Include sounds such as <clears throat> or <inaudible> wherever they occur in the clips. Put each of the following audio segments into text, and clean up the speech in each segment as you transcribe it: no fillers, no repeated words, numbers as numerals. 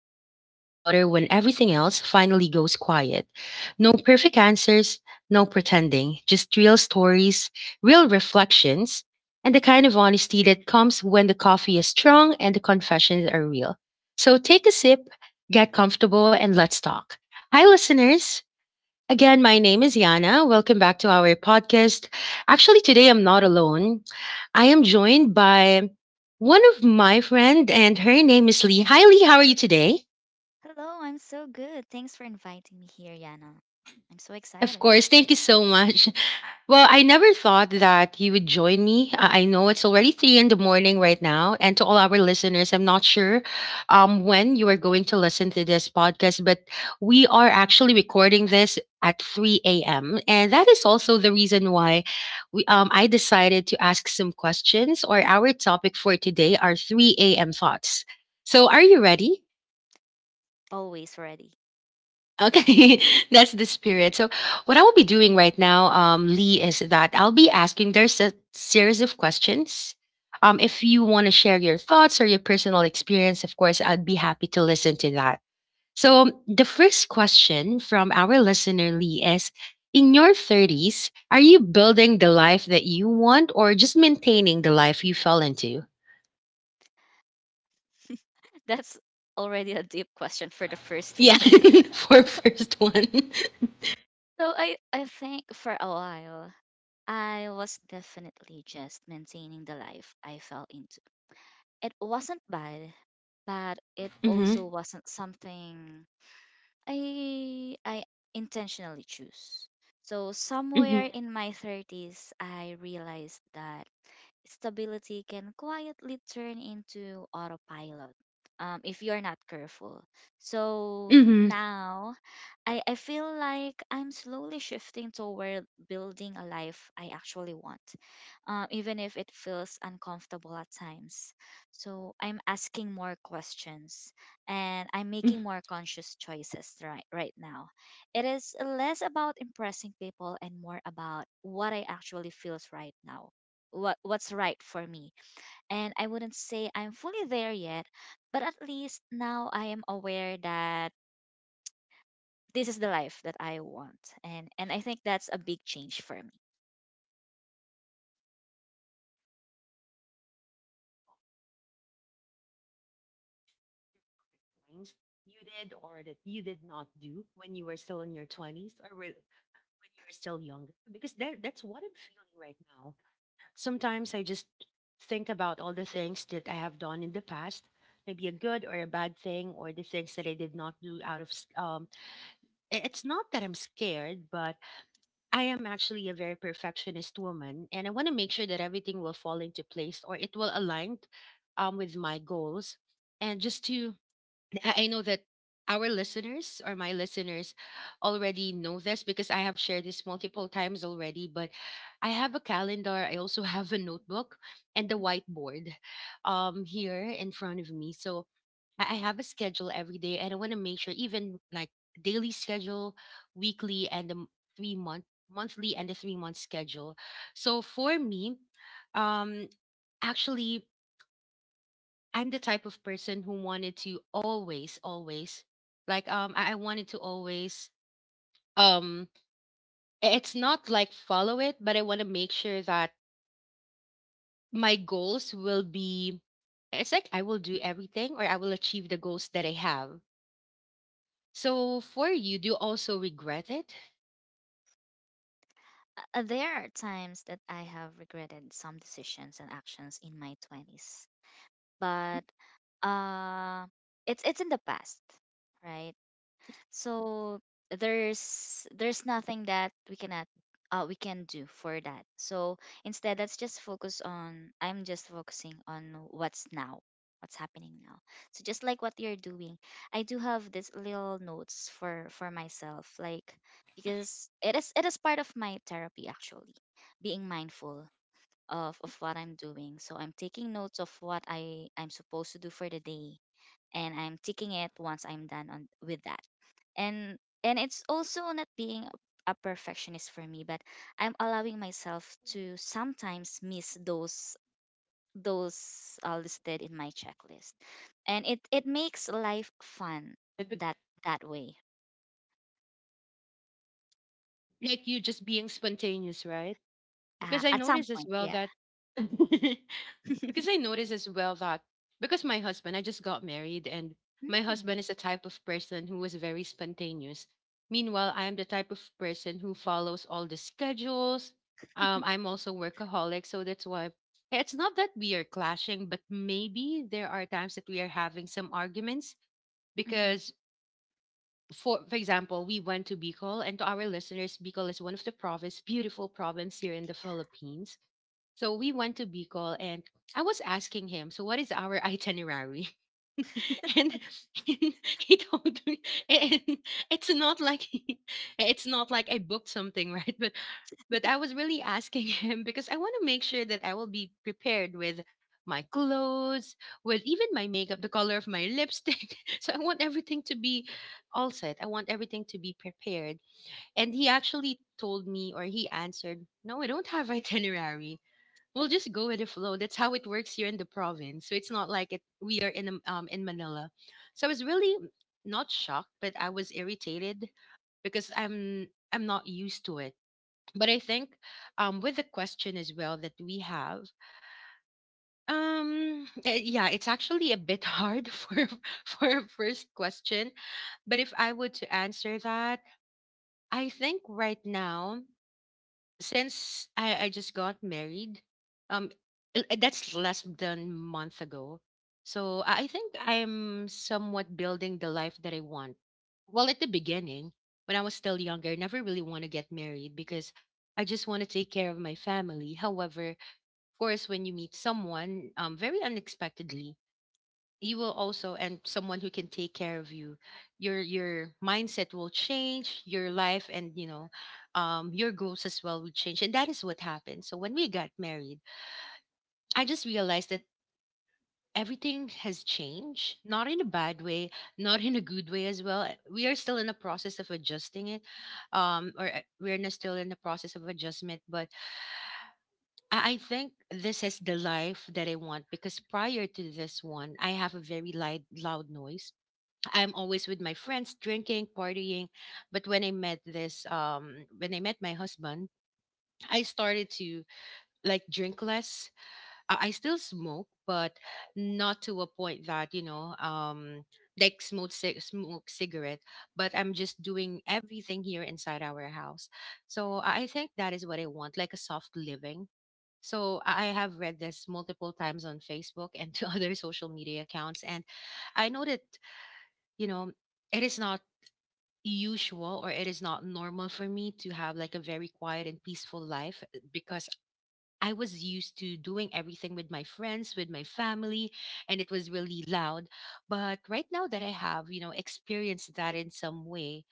that only get louder when everything else finally goes quiet. No perfect answers, no pretending, just real stories, real reflections, and the kind of honesty that comes when the coffee is strong and the confessions are real. So take a sip, get comfortable, and let's talk. Hi, listeners. Again, my name is Yana. Welcome back to our podcast. Actually, today I'm not alone. I am joined by one of my friend and her name is Lee. Hi Lee, how are you today? Hello, I'm so good. Thanks for inviting me here, Yana. I'm so Of excited. course, thank you so much. Well, I never thought that you would join me. I know it's already three in the morning right now. And to all our listeners, I'm not sure when you are going to listen to this podcast, but we are actually recording this at 3 a.m. And that is also the reason why I decided to ask some questions, or our topic for today are 3 a.m. thoughts. So, are you ready? Always ready. Okay, <laughs> that's the spirit. So, what I will be doing right now, Lee, is that I'll be asking there's a series of questions. If you want to share your thoughts or your personal experience, of course, I'd be happy to listen to that. So, the first question from our listener, Lee, is in your 30s, are you building the life that you want or just maintaining the life you fell into? <laughs> That's already a deep question for the first <laughs> Yeah, one. <laughs> for first one. <laughs> So I think for a while, I was definitely just maintaining the life I fell into. It wasn't bad, but it also Mm-hmm. wasn't something I intentionally choose. So Mm-hmm. somewhere in my 30s, I realized that stability can quietly turn into autopilot if you're not careful. So Mm-hmm. now I feel like I'm slowly shifting toward building a life I actually want, even if it feels uncomfortable at times. So I'm asking more questions and I'm making more conscious choices right now. It is less about impressing people and more about what I actually feels right now what's right for me. And I wouldn't say I'm fully there yet, but at least now I am aware that this is the life that I want. And I think that's a big change for me. Things you did or that you did not do when you were still in your 20s or when you were still younger? Because that's what I'm feeling right now. Sometimes I just think about all the things that I have done in the past, maybe a good or a bad thing, or the things that I did not do out of. It's not that I'm scared, but I am actually a very perfectionist woman, and I want to make sure that everything will fall into place or it will align with my goals. And just to I know that our listeners or my listeners already know this because I have shared this multiple times already. But I have a calendar. I also have a notebook and the whiteboard here in front of me. So I have a schedule every day, and I want to make sure, even like daily schedule, weekly, and the m- three-month monthly and the 3 month schedule. So for me, um, actually I'm the type of person who wanted to always, always, I wanted to always um, it's not like follow it, but I want to make sure that my goals will be. It's like I will do everything, or I will achieve the goals that I have. So for you, do you also regret it? There are times that I have regretted some decisions and actions in my 20s, but uh it's in the past, right? So there's nothing that we cannot we can do for that. So instead, let's just focus on. I'm just focusing on what's now, what's happening now. So just like what you're doing, I do have this little notes for myself, like because it is part of my therapy actually, being mindful. Of what I'm doing. So I'm taking notes of what I'm supposed to do for the day, and I'm ticking it once I'm done on with that. And and it's also not being a perfectionist for me, but I'm allowing myself to sometimes miss those listed in my checklist, and it makes life fun That that bec- that way. Like you just being spontaneous, right? Because I At some noticed as point, well yeah. that <laughs> Because I <laughs> noticed as well that because my husband, I just got married, and my Mm. husband is the type of person who was very spontaneous. Meanwhile, I am the type of person who follows all the schedules. I'm also workaholic, so that's why it's not that we are clashing, but maybe there are times that we are having some arguments Mhm. because. For example, we went to Bicol, and to our listeners, Bicol is one of the province, beautiful province here in the Philippines. So we went to Bicol and I was asking him, so what is our itinerary? <laughs> And, <laughs> he told me and it's not like he- it's not like I booked something, <laughs> right? But I was really asking him because I want to make sure that I will be prepared with my clothes, with even my makeup, the color of my lipstick. <laughs> So I want everything to be all set. I want everything to be prepared. And he actually told me or he answered, "No, I don't have <laughs> itinerary. We'll just go with the flow. That's how it works here in the province." So it's not like it, we are in Manila. So I was really not shocked, but I was irritated because I'm not used to it. But I think with the question as well that we have, yeah, it's actually a bit hard <laughs> for a first question. But if I were to answer that, I think right now since I just got married, um, that's less than month ago. So I think I'm somewhat building the life that I want. Well, at the beginning, when I was still younger, I never really want to get married because I just want to take care of my family. However, of course, when you meet someone very unexpectedly, you will also and someone who can take care of you your mindset will change your life and you know your goals as well will change and that is what happened. So when we got married, I just realized that everything has changed, not in a bad way, not in a good way as well. We are still in the process of adjusting it, or we're not still in the process of adjustment. But I think this is the life that I want, because prior to this one I have a very light loud noise. I'm always with my friends drinking, partying. But when I met this, when I met my husband, I started to like drink less. I still smoke, but not to a point that, you know, like smoke, smoke cigarette, but I'm just doing everything here inside our house. So I think that is what I want, like a soft living. So I have read this multiple times on Facebook and <laughs> to other social media accounts. And I know that, you know, it is not usual or it is not normal for me to have like a very quiet and peaceful life because I was used to doing everything with my friends, with my family, and it was really loud. But right now that I have, you know, experienced that in some way,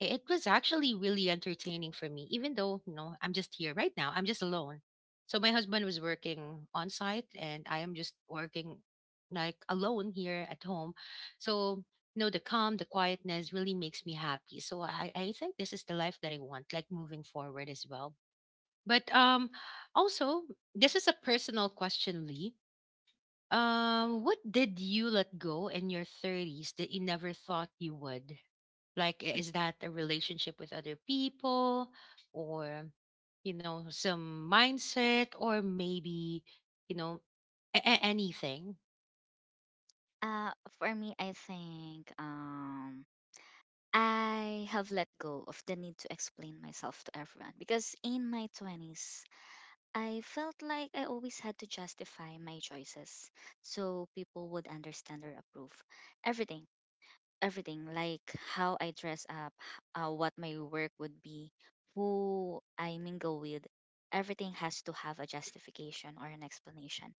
it was actually really entertaining for me, even though, you know, I'm just here right now, I'm just alone. So my husband was working on site and I am just working like alone here at home. So, you know, the calm, the quietness really makes me happy. So I think this is the life that I want, like moving forward as well. But also, this is a personal question, Lee. What did you let go in your 30s that you never thought you would? Like, is that a relationship with other people or, you know, some mindset or maybe, you know, anything? Uh, for me, I think I have let go of the need to explain myself to everyone because in my 20s, I felt like I always had to justify my choices so people would understand or approve everything, everything, like how I dress up, what my work would be, who I mingle with. Everything has to have a justification or an explanation.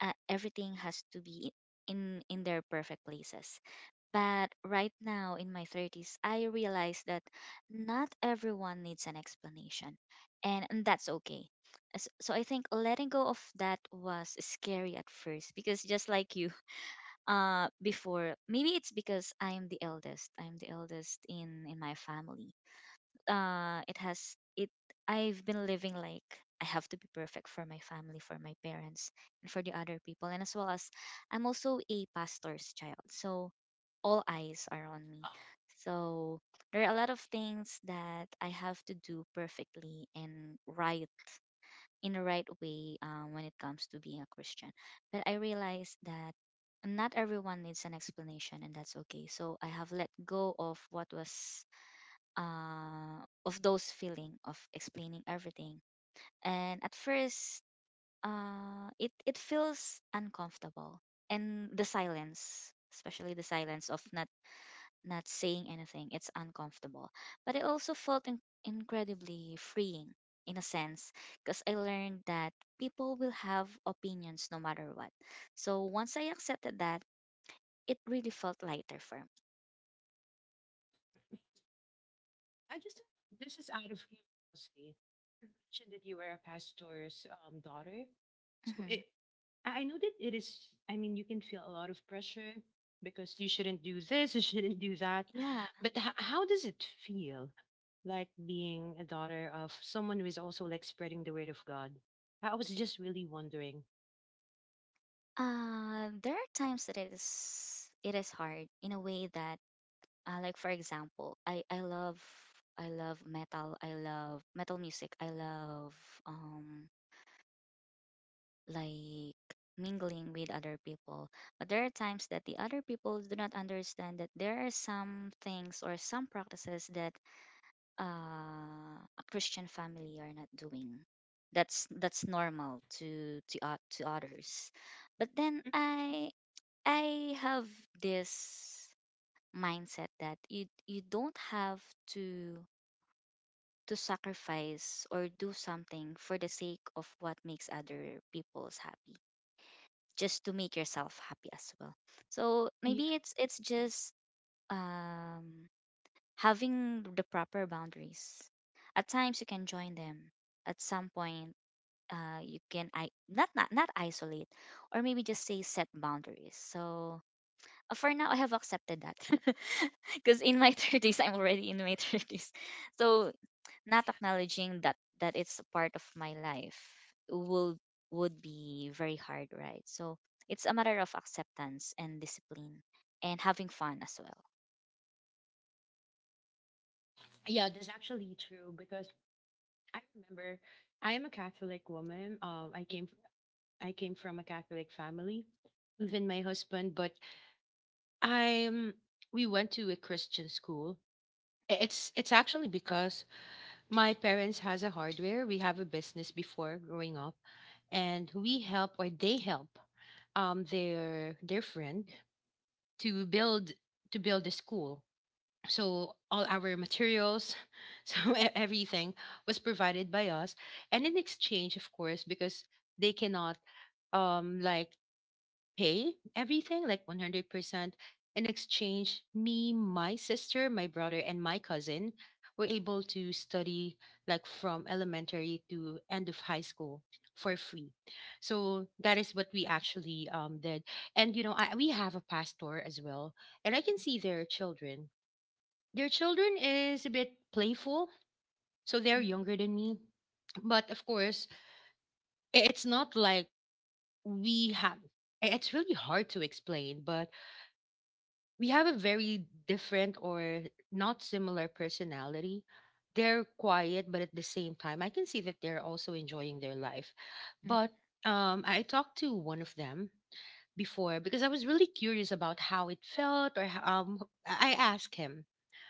Everything has to be in their perfect places. But right now in my 30s, I realize that not everyone needs an explanation, and that's okay. So I think letting go of that was scary at first because just like you, before maybe it's because I'm the eldest. I'm the eldest in my family. It has it. I've been living like I have to be perfect for my family, for my parents, and for the other people, and as well as I'm also a pastor's child. So all eyes are on me. So there are a lot of things that I have to do perfectly and right in the right way when it comes to being a Christian. But I realized that not everyone needs an explanation, and that's okay. So I have let go of what was of those feeling of explaining everything. And at first, it feels uncomfortable, and the silence, especially the silence of not saying anything. It's uncomfortable. But it also felt incredibly freeing in a sense because I learned that people will have opinions no matter what. So once I accepted that, it really felt lighter for me. I just this is out of curiosity. You mentioned that you were a pastor's daughter, so it. Hmm. I know that it is. I mean, you can feel a lot of pressure because you shouldn't do this, you shouldn't do that. Yeah. But how does it feel like being a daughter of someone who is also like spreading the word of God? I was just really wondering. There are times that it is hard in a way that like for example, I love metal. I love metal music. I love um like mingling with other people. But there are times that the other people do not understand that there are some things or some practices that a Christian family are not doing. That's normal to to others. But then I have this mindset that you don't have to to sacrifice or do something for the sake of what makes other people's happy just to make yourself happy as well. So Yeah, maybe it's just um, having the proper boundaries. At times you can join them. At some point, you can I not isolate, or maybe just say set boundaries. So for now, I have accepted that <laughs> because in my <laughs> thirties, I'm already in my thirties. So not acknowledging that that it's a part of my life will would be very hard, right? So it's a matter of acceptance and discipline and having fun as well. yeah, that's actually true because I remember I am a Catholic woman. I came from a Catholic family, even my husband, but I'm we went to a Christian school. It's actually because my parents has a hardware. We have a business before growing up, and we help or they help their friend to build to build a school. So all our materials, <laughs> so everything was provided by us, and in exchange, of course, because they cannot um like pay everything, like 100%. In exchange, me, my sister, my brother, and my cousin were able to study like from elementary to end of high school for free. So that is what we actually did. And, you know, we have a pastor as well, and I can see their children. Their children is a bit playful, so they're Mhm. younger than me. But of course, it's not like we have, it's really hard to explain, but we have a very different or not similar personality. They're quiet, but at the same time, I can see that they're also enjoying their life. Mhm. But I talked to one of them before because I was really curious about how it felt, or I asked him.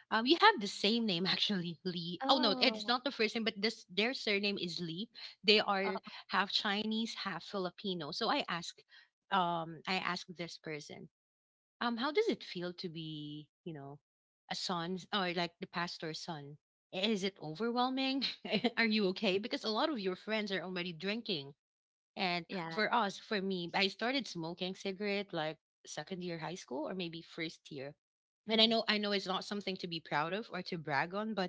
You have the same name <laughs> actually, Lee. Oh no, it's not Oh. the first name, but this their surname is Lee. They are Oh, half Chinese, half Filipino. So I asked this person how does it feel to be, a son or like the pastor's son? Is it overwhelming? <laughs> Are you okay? Because a lot of your friends are already drinking. And yeah. for us, for me, I started smoking cigarette like second year high school or maybe first year. And I know Mhm. I know it's not something to be proud of or to brag on, but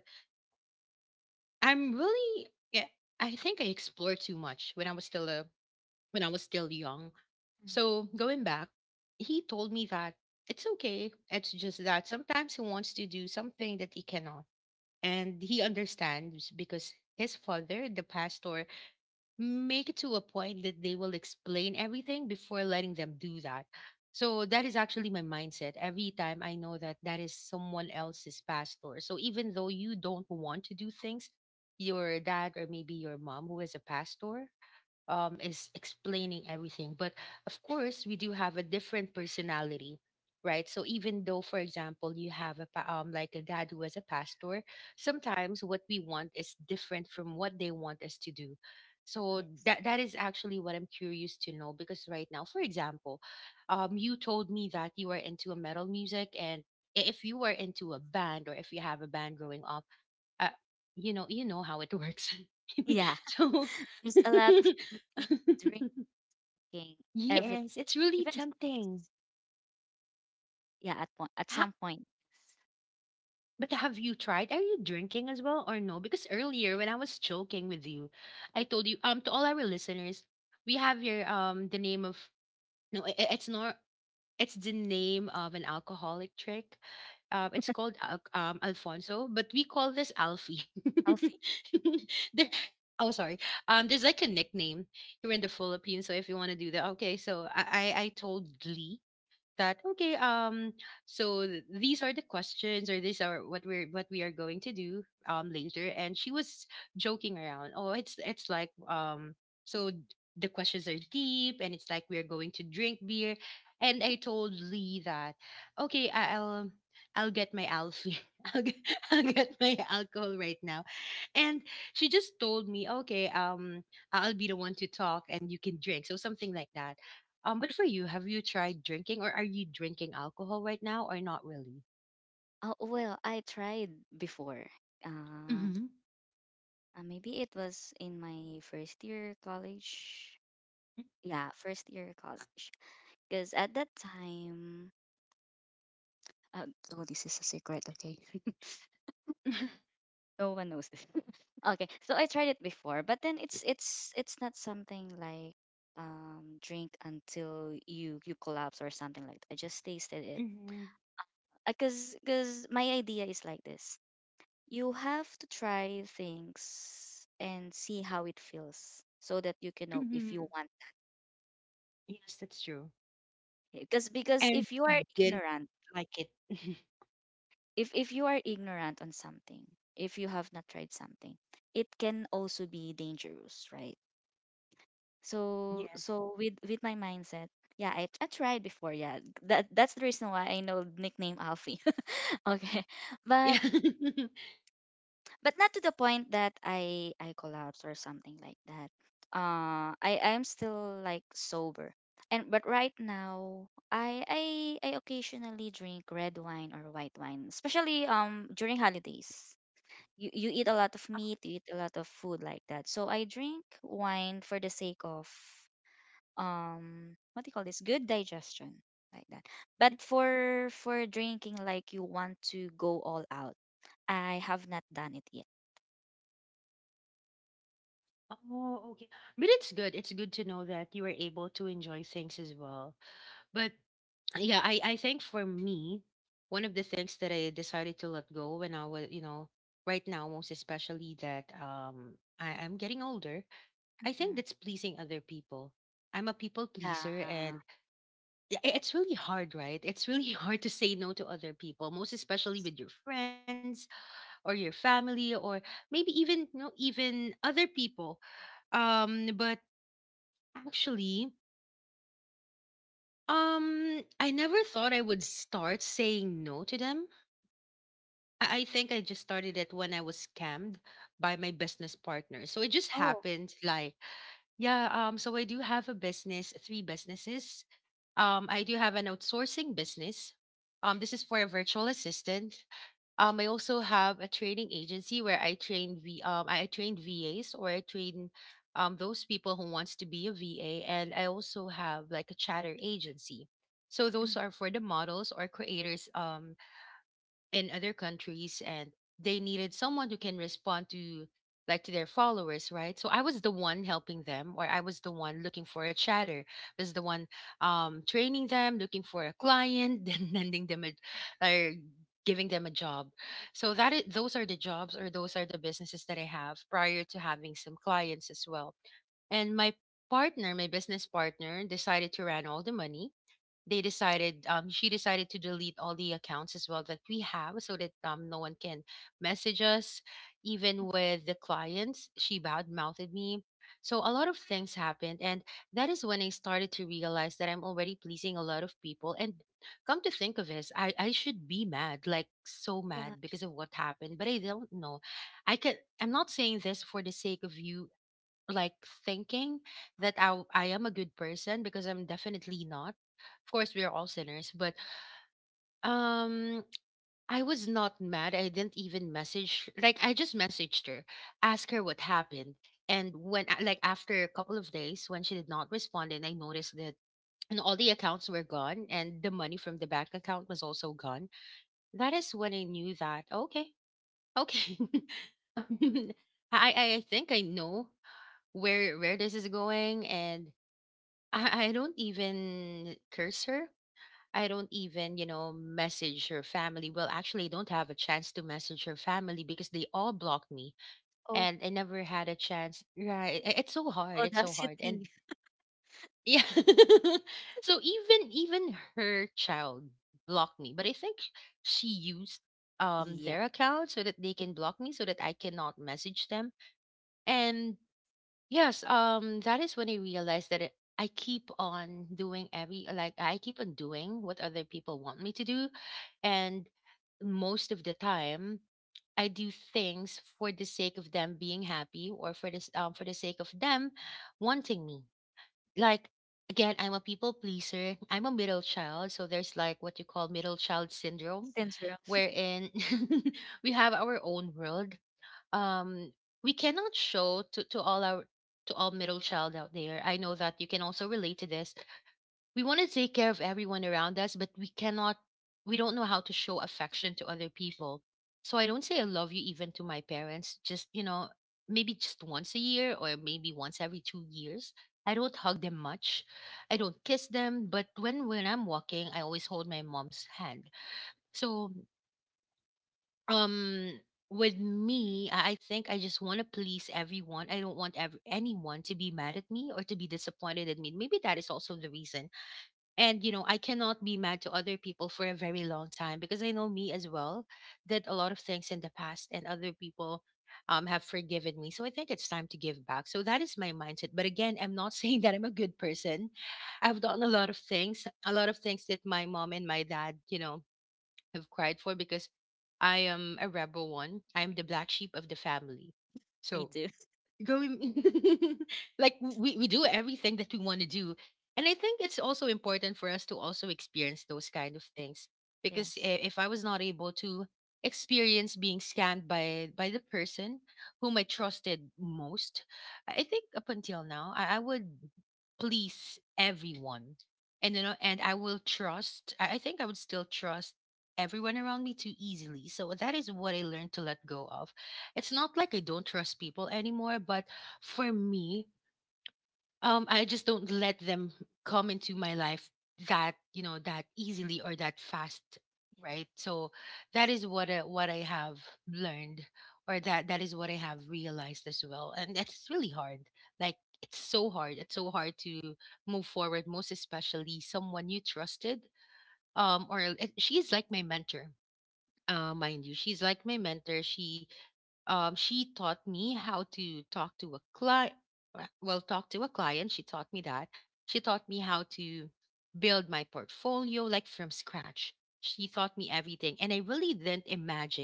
I'm really, yeah, I think I explored too much when I was still a when I was still young. Mhm. So going back, he told me that it's okay. It's just that sometimes he wants to do something that he cannot. And he understands because his father, the pastor, make it to a point that they will explain everything before letting them do that. So that is actually my mindset. Every time I know that that is someone else's pastor. So even though you don't want to do things, your dad or maybe your mom who is a pastor is explaining everything. But of course, we do have a different personality, right? So even though, for example, you have a like a dad who is a pastor, sometimes what we want is different from what they want us to do. So that Yes. that is actually what I'm curious to know because right now, for example, you told me that you are into a metal music and if you were into a band or if you have a band growing up uh, you know how it works. <laughs> Yeah. So <laughs> There's a lot of cooking, drinking, <laughs> everything, yes, it's really even drugs, tempting. yeah, at one at ha- some point. but have you tried, are you drinking as well or no? Because earlier when I was joking with you, I told you, to all our listeners, we have your the name of, no it's not. It's the name of an alcoholic trick. It's called Alfonso, but we call this Alfie. I'll feel. <laughs> There, oh, sorry. There's like a nickname here in the Philippines. So if you want to do that, okay. So I told Glee that okay, so these are the questions or these are what we are going to do later, and she was joking around, oh, it's like, so the questions are deep and it's like we are going to drink beer. And I told Lee that okay, I'll, I'll get my Alfie. <laughs> I'll get, I'll get my alcohol right now. And she just told me, okay, I'll be the one to talk and you can drink. So something like that. But for you, have you tried drinking or are you drinking alcohol right now or not really? Oh, well, I tried before. uh Mm-hmm. Maybe it was in my first year college. Yeah, first year college. Because at that time, uh, oh, this is a secret. Okay, <laughs> <laughs> no one knows this. <laughs> Okay, so I tried it before, but then it's not something like drink until you collapse or something like that. I just tasted it. Hmm. Because my idea is like this. You have to try things and see how it feels so that you can know Hmm. if you want. Yes, that's true. Because And If you you are didn't ignorant, like it. <laughs> If you are ignorant on something, if you have not tried something, it can also be dangerous, right? So Yes. With my mindset, yeah, I tried before, yeah. that that's the reason why I know the nickname Alfie. <laughs> Okay. Yeah. but <laughs> but not to the point that I collapse or something like that. I I'm still like sober, and but right now I occasionally drink red wine or white wine, especially during holidays. You eat a lot of meat, you eat a lot of food like that. So I drink wine for the sake of what do you call this? Good digestion like that. But for drinking like you want to go all out, I have not done it Oh, okay. But it's good. It's good to know that you were able to enjoy things as well. But yeah, I think for me, one of the things that I decided to let go when I was, you know, right now most especially that I, I'm getting older, I think that's yet. pleasing other people. I'm a people pleaser, and Yeah. It's really hard, right? It's really <laughs> hard to say no to other people, most especially with your friends or your family or maybe even, you know, even other people. But actually, I never thought I would start saying no to them. I think I just started it when I was scammed by my business partner. So it just happened, like, yeah, so I do have a business, three businesses. I do have an outsourcing business. This is for a virtual assistant. I also have a training agency where I train V I train VAs, or I train those people who wants to be a VA, and I also have like a chatter agency. So those are Mm. for the models or creators in other countries, and they needed someone who can respond to, like, to their followers, right? So I was the one helping them, or I was the one looking for a chatter, was the one training them, looking for a client, <laughs> then lending them a, or giving them a job. So that is, those are the jobs or those are the businesses that I have prior to having some clients as well. And my partner, my business partner decided to run all the money. They decided, she decided to delete all the accounts as well that we have so that, no one can message us. Even with the clients, she bad mouthed me. So a lot of things happened, and that is when I started to realize that I'm already pleasing a lot of people. And come to think of this, I should be mad, like so mad Yeah. because of what happened, but I don't know. I can, I'm not saying this for the sake of you, like, thinking that I am a good person, because I'm definitely not. Of course, we are all sinners, but um, I was not mad. I didn't even message. Like, I just messaged her, ask her what happened, and like after a couple of days, when she did not respond, and I noticed that, and all the accounts were gone, and the money from the bank account was also gone. That is when I knew that okay, okay. <laughs> I, I think I know where this is going, and I don't even curse her. I don't even, you know, message her family. Well, actually, I don't have a chance to message her family because they all blocked me, and Oh, I never had a chance. Right. It's so hard. It's so hard. And audacity. yeah. <laughs> So even her child blocked me, but I think she used their Yeah. account so that they can block me so that I cannot message them. And yes, that is when I realized that it, I keep on doing every, like, I keep on doing what other people want me to do, and most of the time I do things for the sake of them being happy, or for this for the sake of them wanting me. Like, again, I'm a people pleaser. I'm a middle child, so there's like what you call middle child syndrome, Syndrome. wherein <laughs> we have our own world um we cannot show to all our, to all middle child out there, I know that you can also relate to this. We want to take care of everyone around us, but we cannot. We don't know how to show affection to other people. So I don't say I love you even to my parents, just, you know, maybe just once a year or maybe once every 2 years. I don't hug them much, I don't kiss them, but when I'm walking I always hold my mom's hand. So um with me, I think I just want to please everyone. I don't want ever, anyone to be mad at me or to be disappointed at me. Maybe that is also the reason. And you know, I cannot be mad to other people for a very long time, because I know me as well did a lot of things in the past, and other people, have forgiven me. So I think it's time to give back. So that is my mindset, but again, I'm not <laughs> saying that I'm a good person. I've done a lot of things, a lot of things that my mom and my dad, you know, have cried for, because I am a rebel one. I'm the black sheep of the family. So Me too. going <laughs> like we do everything that we want to do. And I think it's also important for us to also experience those kind of things, because Yes. if I was not able to experience being scammed by the person whom I trusted most, I think up until now I would please everyone. And you know, and I will trust, I think I would still trust everyone around me too easily. So that is what I learned to let go of. It's not like I don't trust people anymore, but for me, I just don't let them come into my life that, you know, that easily or that fast, Yeah. right? So that is what I have learned, or that is what I have realized as well. And that's really hard. Like, it's so hard. It's so hard to move forward, most especially someone you trusted. Or she is like my mentor. Mind you, she's like my mentor. She taught me how to talk to a client, well, talk to a client, she taught me that. She taught me how to build my portfolio, like, from scratch. She taught me everything, and I really didn't imagine,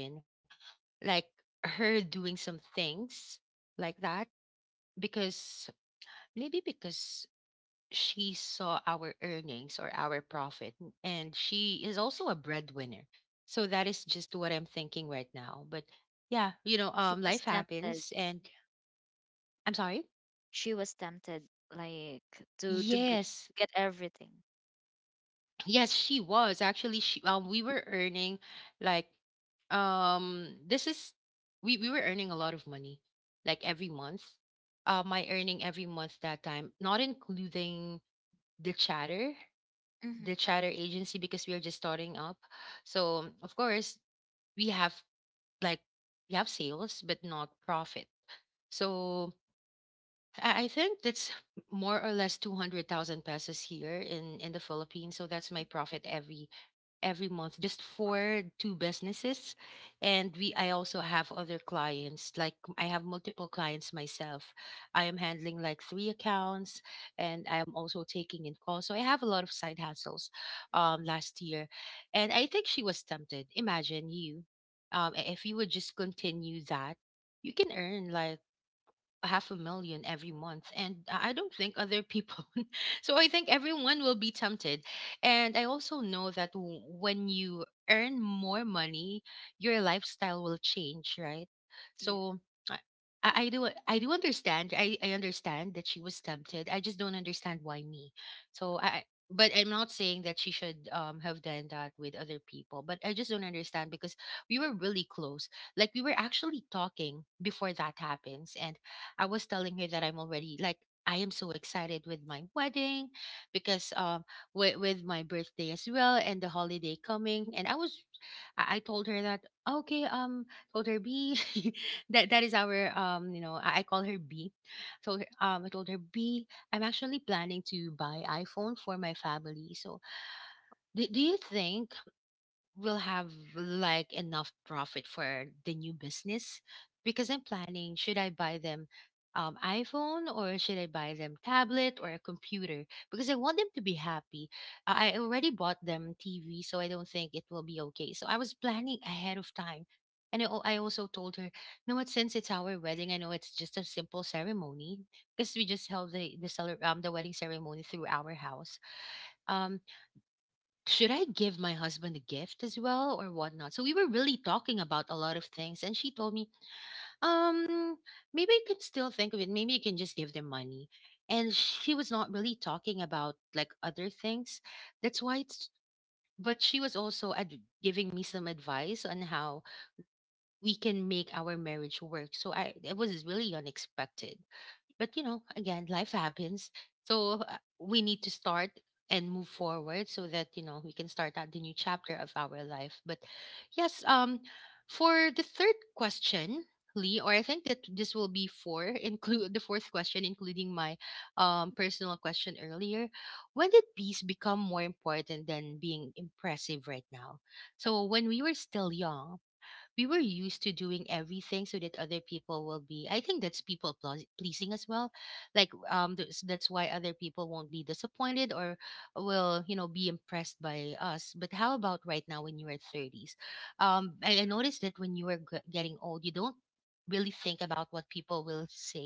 like, her doing some things like that. Because maybe because she saw our earnings or our profit, and she is also a breadwinner. So that is just what I'm thinking right now, but, yeah, She life was happens, tempted. and I'm sorry. She was tempted, like to Yes. to get everything. Yes, she was actually, she we were earning, like, this is we were earning a lot of money, like, every month. My earning every month that time, not including the chatter, the Hmm. chatter agency, because we are just starting up. So, of course, we have like we have sales but not profit. So, I think that's more or less 200,000 pesos here in the Philippines. So that's my profit every month, just for two businesses. And we I also have other clients. Like, I have multiple clients myself. I am handling, like, three accounts, and I am also taking in calls. So I have a lot of side hustles, last year. And I think she was tempted. Imagine, if you would just continue that, you can earn, like, a half a million every month, and I don't think other people. <laughs> So I think everyone will be tempted, and I also know that when you earn more money, your lifestyle will change, right? Yeah. So i, I I do i do understand. I understand that she was tempted. I just don't understand why me. So, but I'm not saying that she should have done that with other people, but I just don't understand, because we were really close. Like, we were actually talking before that happens, and I was telling her that I'm already, like, I am so excited with my wedding, because with my birthday as well, and the holiday coming. And I was I told her that, okay, told her B, <laughs> that is our, I call her B, told her, I told her B, I'm actually planning to buy iPhone for my family. So, do you think, will have, like, enough profit for the new business, because I'm planning, should I buy them iPhone, or should I buy them tablet or a computer, because I want them to be happy. I already bought them TV, so I don't think it will be okay. So I was planning ahead of time. And I also told her, you know what, since it's our wedding, I know it's just a simple ceremony, because we just held the wedding ceremony through our house. Um should I give my husband a gift as well or whatnot? So we were really talking about a lot of things. And she told me, um, maybe I can still think of it. Maybe I can just give them money. And she was not really talking about, like, other things. That's why it's, but she was also giving me some advice on how we can make our marriage work. So it was really unexpected. But, again, life happens. So, we need to start and move forward, so that, we can start out the new chapter of our life. But, yes, for the third question, Lee, or I think that this will be four, <laughs> include the fourth question, including my personal question earlier. When did peace become more important than being impressive right now? So when we were still young, we were used to doing everything so that other people will be, I think that's people pleasing as well. Like, that's why other people won't be disappointed or will, be impressed by us. But how about right now, when you are 30s? I noticed that when you are getting old, you don't really think about what people will say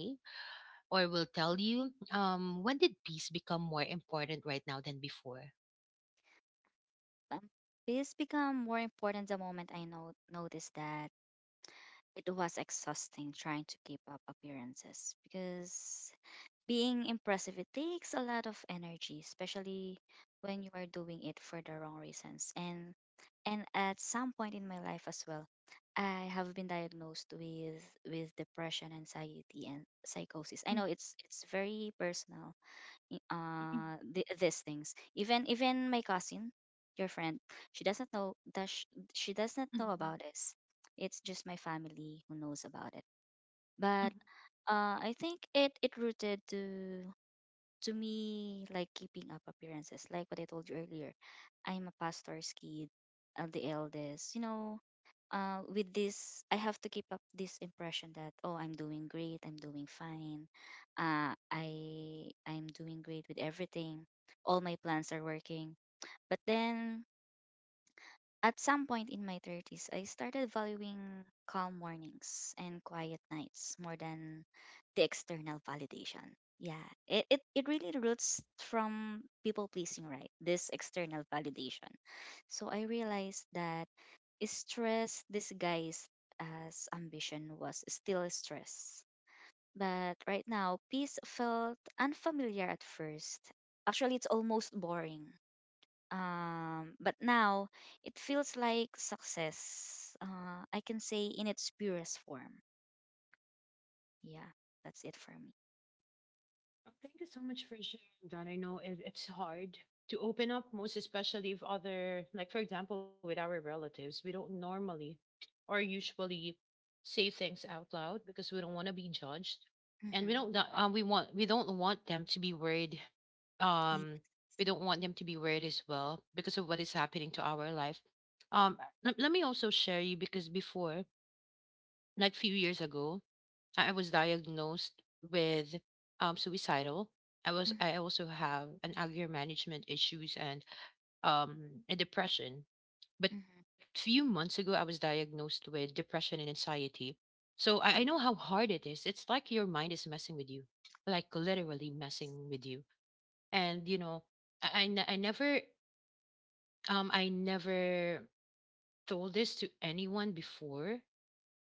or will tell you. When did peace become more important right now than before? Um, this become more important the moment I know noticed that it was exhausting trying to keep up appearances because being impressive, it takes a lot of energy, especially when you are doing it for the wrong reasons. And at some point in my life as well, I have been diagnosed with depression, anxiety, and Mhm, psychosis. I know it's very personal. Mhm, These things. Even my cousin, your friend, she doesn't know that she does not know about this. It's just my family who knows about it. mhm, mhm. But I think it it rooted to me, like keeping up appearances, like what I told you earlier. I'm a pastor's kid, the eldest. You know, with this, I have to keep up this impression that, oh, I'm doing great, I'm doing fine, I'm doing great with everything, all my plans are working. But then at some point in my 30s, I started valuing calm mornings and quiet nights more than the external validation. Yeah, it really roots from people pleasing, right? This external validation. So I realized that stress disguised as ambition was still stress. But right now, peace felt unfamiliar at first. Actually, it's almost boring, but now it feels like success. I can say in its purest form. Yeah, that's it for me. Much for sharing that. I know it's hard to open up, most especially if other, like, for example, with our relatives, we don't normally or usually say things out loud, because we don't want to be judged, and we don't da- Mm-hmm. um we want we don't want them to be worried. Um, Yeah. we don't want them to be worried as well, because of what is happening to our life. Um, let me also share you, because before, like, few years ago, I was diagnosed with, suicidal. I Mm-hmm. also have an anger management issues, and a depression. But few Mm-hmm. months ago, I was diagnosed with depression and anxiety. So, I know how hard it is. It's like your mind is messing with you, like, literally messing with you. And, you know, I I, ne- I never I never told this to anyone before,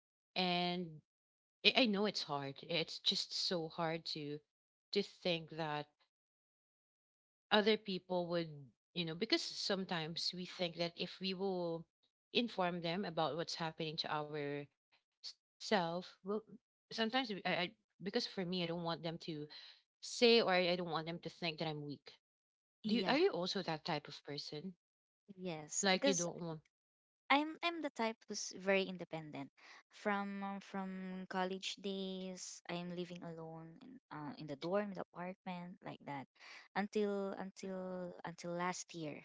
and I know it's hard. It's just so hard to think that other people would, because sometimes we think that if we will inform them about what's happening to our self, well, sometimes, we- I because for me, I don't want them to say, or I don't want them to think that I'm weak. Do you are you also Yeah, that type of person? Like, you don't yes, want. because I'm the type who's very independent. From college days, I'm living alone in the dorm, in the apartment, like that, until last year,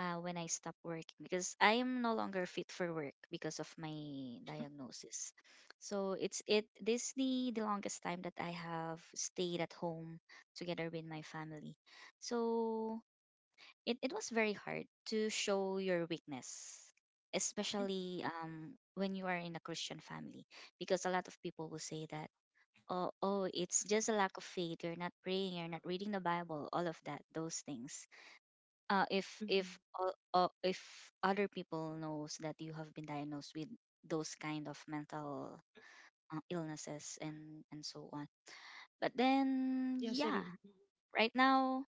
when I stop working because I am no longer fit for work because of my diagnosis. So it's it this the longest time that I have stayed at home together with my family. So it was very hard to show your weakness, especially when you are in a Christian family because a lot of people will say that, oh, it's just a lack of faith, you're not praying, you're not reading the bible, all of that, those things. uh, Mhm. if if uh, uh, if other people knows that you have been diagnosed with those kind of mental illnesses and so on. But Yes, I then, do. yeah, right now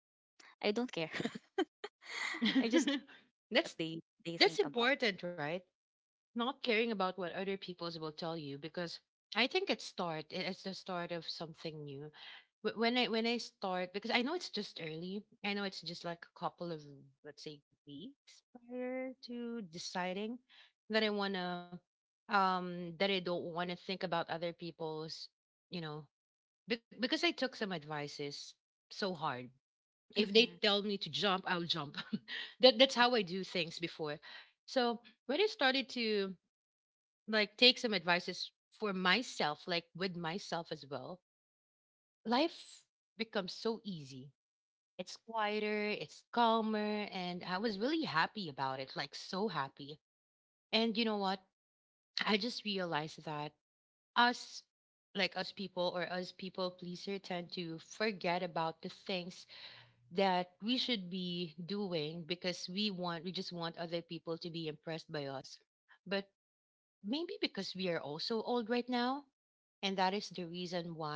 I don't care. <laughs> I just <laughs> know that's what that's they think important, about. right? Not caring about what other people will tell you, because I think it's the start of something new. When I start, because I know it's just early. I know it's just like a couple of, let's say, weeks prior to deciding that, I wanna that I don't wanna think about other people's, you know because I took some advices so hard. If they tell me Mhm. to jump, I'll jump. <laughs> That's how I do things before. So when I started to, like, take some advices for myself, like, with myself as well, life becomes so easy. It's quieter, it's calmer, and I was really happy about it, like, so happy. And you know what? I just realized that us, like, us people or us people pleaser, tend to forget about the things that we should be doing, because we just want other people to be impressed by us. But maybe because we are also old right now. And that is the reason why,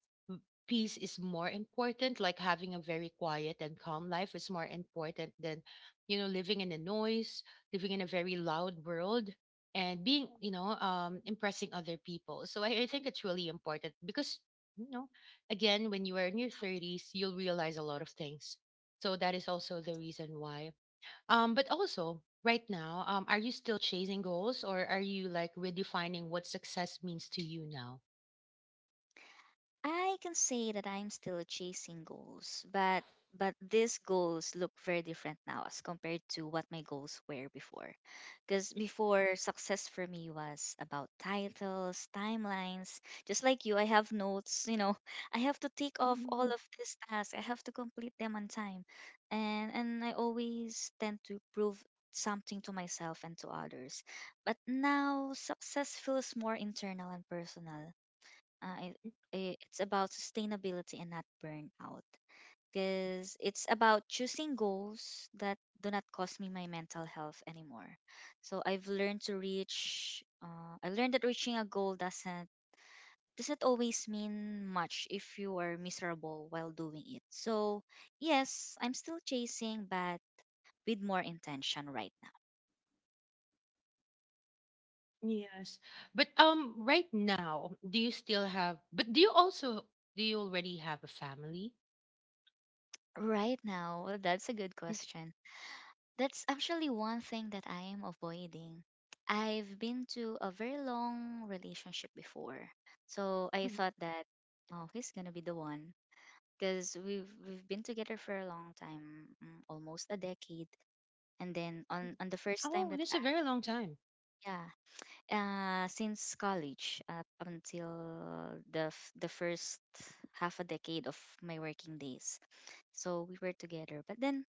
m- peace is more important. Like, having a very quiet and calm life is more important than, living in a noise, living in a very loud world, and being impressing other people. So, I think it's really important, because, you know, again, when you are in your 30s, you'll realize a lot of things. So that is also the reason why. But also, right now, are you still chasing goals, or are you, like, redefining what success means to you now? I can say that I'm still chasing goals, but these goals look very different now as compared to what my goals were before. Because before, success for me was about titles, timelines. Just like you, I have notes. You know, <laughs> I have to tick Mhm. off all of these tasks. I have to complete them on time, and I always tend to prove something to myself and to others. But now, success feels more internal and personal uh, it, it's about sustainability and not burnout. Because it's about choosing goals that do not cost me my mental health anymore. So I learned that reaching a goal doesn't always mean much if you are miserable while doing it. So yes, I'm still chasing, but with more intention right now. Yes. But, right now, do you still have? But do you already have a family? Right now, that's a good question. That's actually one thing that I am avoiding. I've been to a very long relationship before. Mm-hmm. So I thought that oh, he's going to be the one because we've been together for a long time, almost a decade. And then on the Oh, first that's a time very long time. yeah, since college up until the first half a decade of my working days. So we were together. But then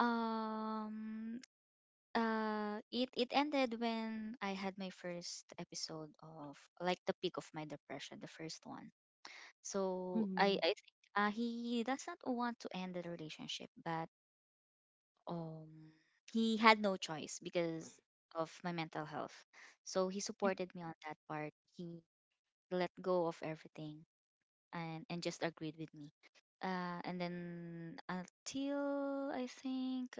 um it it ended when I had my first episode of like the peak of my depression, the first one. So Mm-hmm. I think he does not want to end the relationship, but um he had no choice because of my mental health. So he supported me on that part. He let go of everything and just agreed with me. And then until I think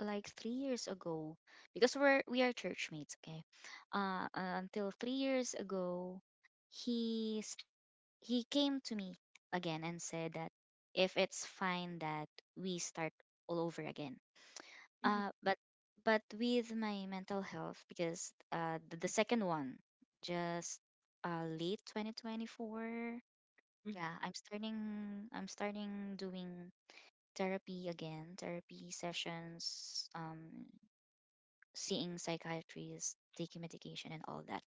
like 3 years ago because we are church mates. Okay, until 3 years ago, he s- he came to me again and said that if it's fine that we start all over again, Mm-hmm. uh but but with my mental health, because the second one just late 2024. Mm-hmm. Yeah, I'm starting doing therapy again, therapy sessions, seeing psychiatrists, taking medication, and all that.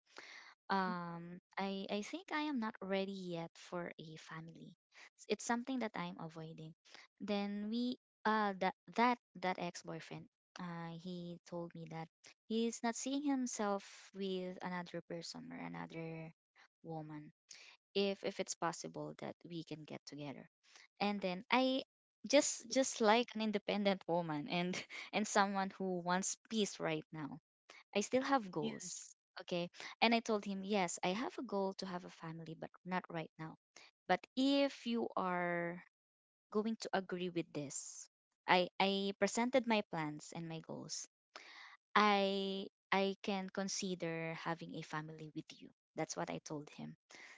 I think I am not ready yet for a family. It's something that I'm avoiding. Then we that that that ex boyfriend. He told me that he's not seeing himself with another person or another woman. If it's possible that we can get together, and then I, just like an independent woman and <laughs> and someone who wants peace right now, I still Yeah. have goals. Okay. And I told him, yes, I have a goal to have a family, but not right now. But if you are going to agree with this, I presented my plans and my goals. I can consider having a family with you. That's what I told him.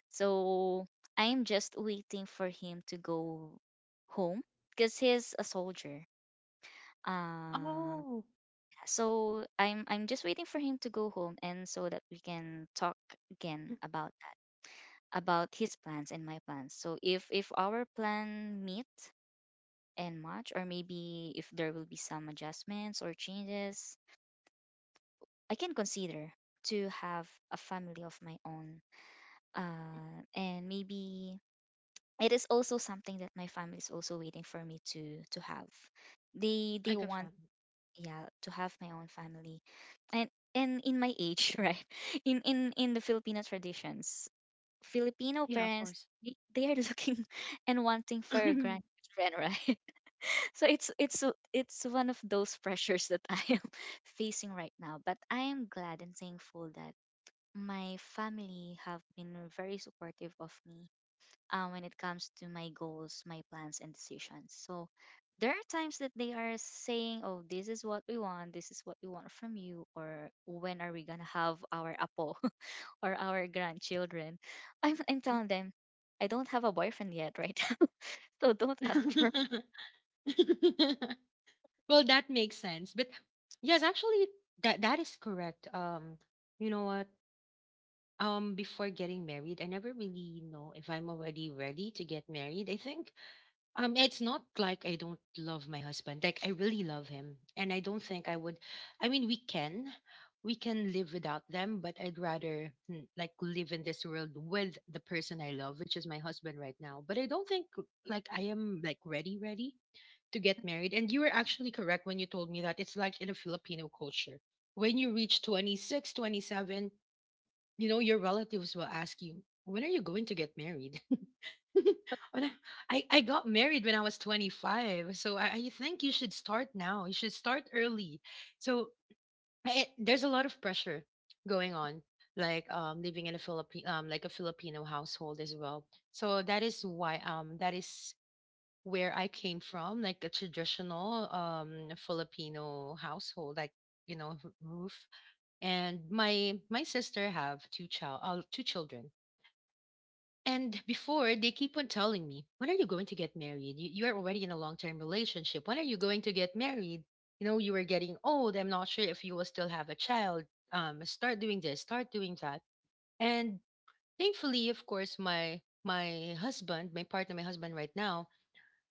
So I am just waiting for him to go home because he's a soldier. Oh. Uh, so I'm just waiting for him to go home, and so that we can talk Mm. again about that, about his plans and my plans. So if our plan meet and match, or maybe if there will be some adjustments or changes, I can consider to have a family of my own. And maybe it is also something that my family is also waiting for me to have. Like a They family. want yeah to have my own family and in my age <laughs> right, in the filipino traditions, Yeah, of filipino course. parents, they are looking <laughs> and wanting for your grandchildren right. <laughs> So it's one of those pressures that I am <laughs> facing right now. But I am glad and thankful that my family have been very supportive of me when it comes to my goals, my plans, and decisions. So there are times that they are saying, "Oh, this is what we want. This is what we want from you," or "When are we gonna have our apo <laughs> or our grandchildren?" I'm telling them, I don't have a boyfriend yet, right? <laughs> So don't ask for. <laughs> <laughs> <laughs> Well, that makes sense. But, yes, actually, that is correct. You know what? Before getting married, I never really know if I'm already ready to get married. I think, it's not like I don't love my husband. Like, I really love him, and I don't think I would. I mean, we can live without them, but I'd rather, like, live in this world with the person I love, which is my husband right now. But I don't think, like, I am, like, ready, ready to get married. And you were actually correct when you told me that it's like in a Filipino culture. When you reach 26, 27, you know, your relatives will ask you, when are you going to get married? <laughs> When I got married when I was 25. So, I think you should start now. You should start early. So there's a lot of pressure going on, like, living in a Philippine, like, a Filipino household as well. So that is why, that is where I came from, like a traditional, Filipino household, like, roof. And my sister have two children, and before they keep on telling me, when are you going to get married? You are already in a long term relationship. When are you going to get married? You know, you are getting old. I'm not sure if you will still have a child. Start doing this, start doing that. And thankfully, of course, my husband, my partner, my husband right now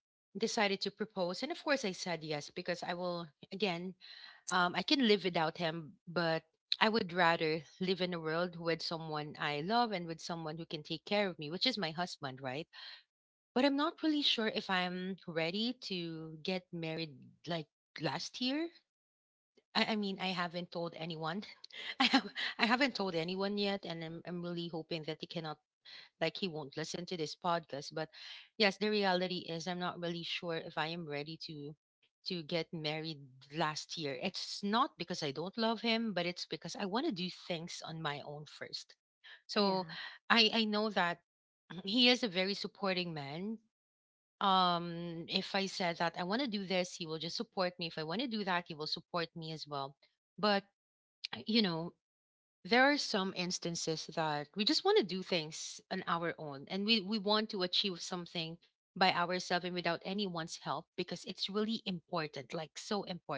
decided to propose. And of course I said yes because I will again, I can live without him, but I would rather live in a world with someone I love and with someone who can take care of me, which is my husband, right? But I'm not really sure if I'm ready to get married like last year. I mean, I haven't told anyone. <laughs> I have I haven't told anyone yet, and I'm really hoping that he cannot like he won't listen to this podcast. But yes, the reality is I'm not really sure if I am ready to get married last year. It's not because I don't love him, but it's because I want to do things on my own first. So Yeah, I know that <clears throat> he is a very supporting man. If I said that I want to do this, he will just support me. If I want to do that, he will support me as well. But <clears throat> you know, there are some instances that we just want to do things on our own, and we want to achieve something by ourselves and without anyone's help because it's really important, like so important.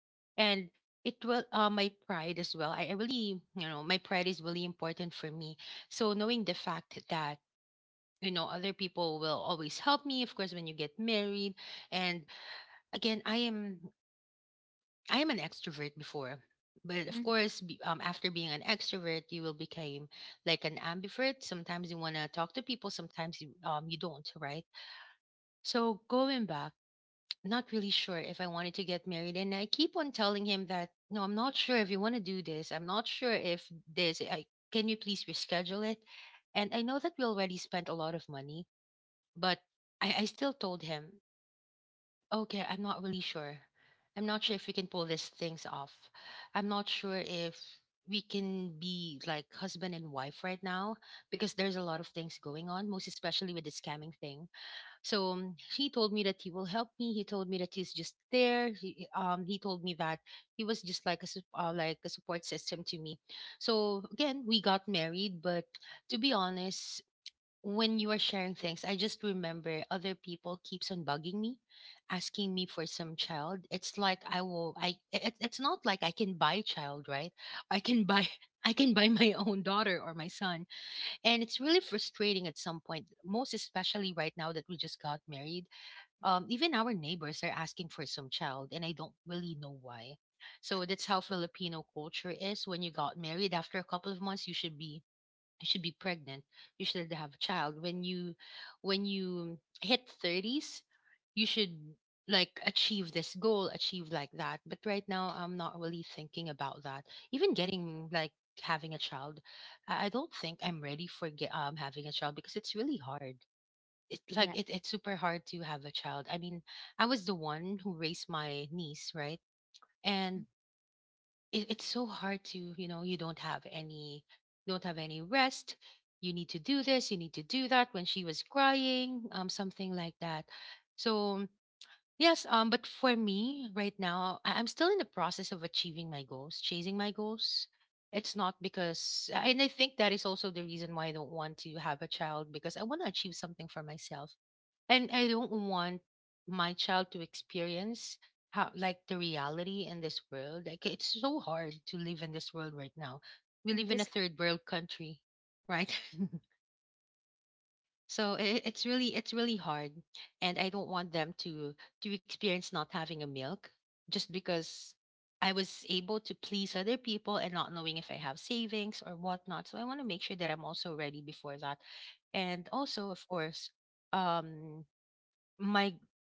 And it will my pride as well. I really, you know, my pride is really important for me. So knowing the fact that you know other people will always help me of course when you get married. And again, I am I am an extrovert before, but of course mm, after being an extrovert you will become like an ambivert. Sometimes you want to talk to people, sometimes you don't, right? So going back, not really sure if I wanted to get married, and I keep on telling him that no, I'm not sure if you want to do this. I'm not sure if this I can you please reschedule it. And I know that we already spent a lot of money. But I still told him, okay, I'm not really sure. I'm not sure if we can pull these things off. I'm not sure if we can be like husband and wife right now, because there's a lot of things going on, most especially with the scamming thing. So he told me that he will help me. He told me that he's just there. He told me that he was just like a like a support system to me. So again, we got married, but to be honest, when you are sharing things, I just remember other people keeps on bugging me, asking me for some child. It's like I will. I it's not like I can buy child, right? I can buy. <laughs> I can buy my own daughter or my son. And it's really frustrating at some point, most especially right now that we just got married. Even our neighbors are asking for some child, and I don't really know why. So that's how Filipino culture is. When you got married, after a couple of months, you should be pregnant. You should have a child. When you hit 30s, you should like achieve this goal, achieve like that. But right now I'm not really thinking about that. Even getting like having a child, I don't think I'm ready for having a child because it's really hard. It's yeah. super hard to have a child. I mean, I was the one who raised my niece, right? And Mm, it's so hard. To you know, you don't have any rest. You need to do this, you need to do that. When she was crying, something like that. So yes, but for me right now, I'm still in the process of achieving my goals, chasing my goals. It's not because, and I think that is also the reason why I don't want to have a child, because I want to achieve something for myself. And I don't want my child to experience how like the reality in this world. Like it's so hard to live in this world right now. We live in a in third this, world country, right? <laughs> So I it's really, it's really hard, and I don't want them to experience not having a milk just because I was able to please other people and not knowing if I have savings or whatnot. So I want to make sure that I'm also ready before that. And also, of course, um, my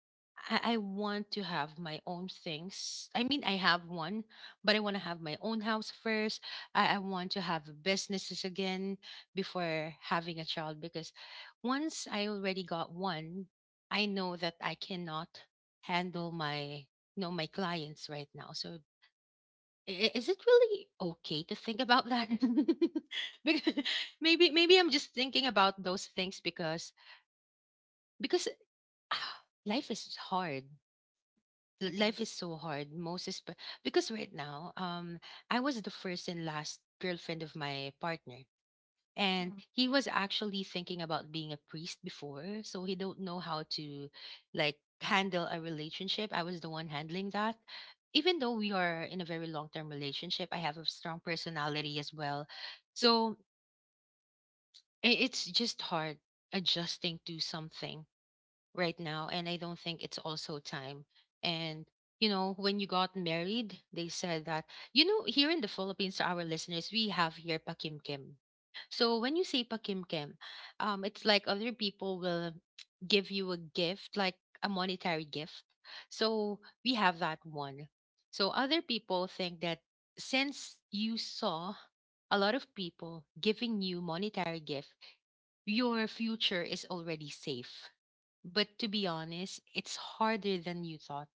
I want to have my own things. I mean, I have one, but I want to have my own house first. I want to have businesses again before having a child because once I already got one, I know that I cannot handle my you know my clients right now. So is it really okay to think about that? <laughs> Because maybe I'm just thinking about those things because life is hard. Life is it so is. hard, most is because right now I was the first and last girlfriend of my partner, and he Oh, was actually thinking about being a priest before, so he don't know how to like handle a relationship. I was the one handling that. Even though we are in a very long term relationship, I have a strong personality as well. So it's just hard adjusting to something right now, and I don't think it's also time. And you know, when you got married, they said that you know, here in the Philippines, to our listeners, we have here Pakim Kim. So when you say Pakim Kim, it's like other people will give you a gift like a monetary gift. So we have that one. So other people think that since you saw a lot of people giving you monetary gift, your future is already safe. But to be honest, it's harder than you thought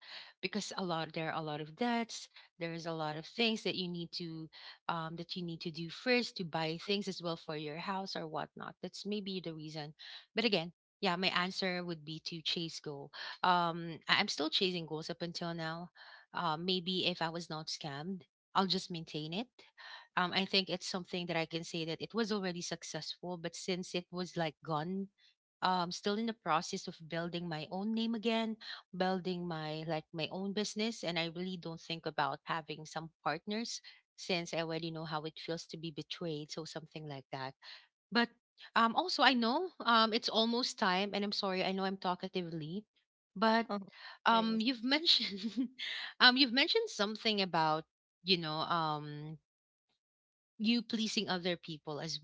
because a lot there are a lot of debts. There is a lot of things that you need to that you need to do first to buy things as well for your house or whatnot. That's maybe the reason. But again, yeah, my answer would be to chase goal. I'm still chasing goals up until now. Maybe if I was not scammed, I'll just maintain it. I think it's something that I can say that it was already successful, but since it was like gone, still in the process of building my own name again, building my own business, and I really don't think about having some partners since I already know how it feels to be betrayed, so something like that. But also I know it's almost time, and I'm sorry, I know I'm talkatively, but oh, you've worries. mentioned <laughs> you've mentioned something about you know you pleasing other people as well.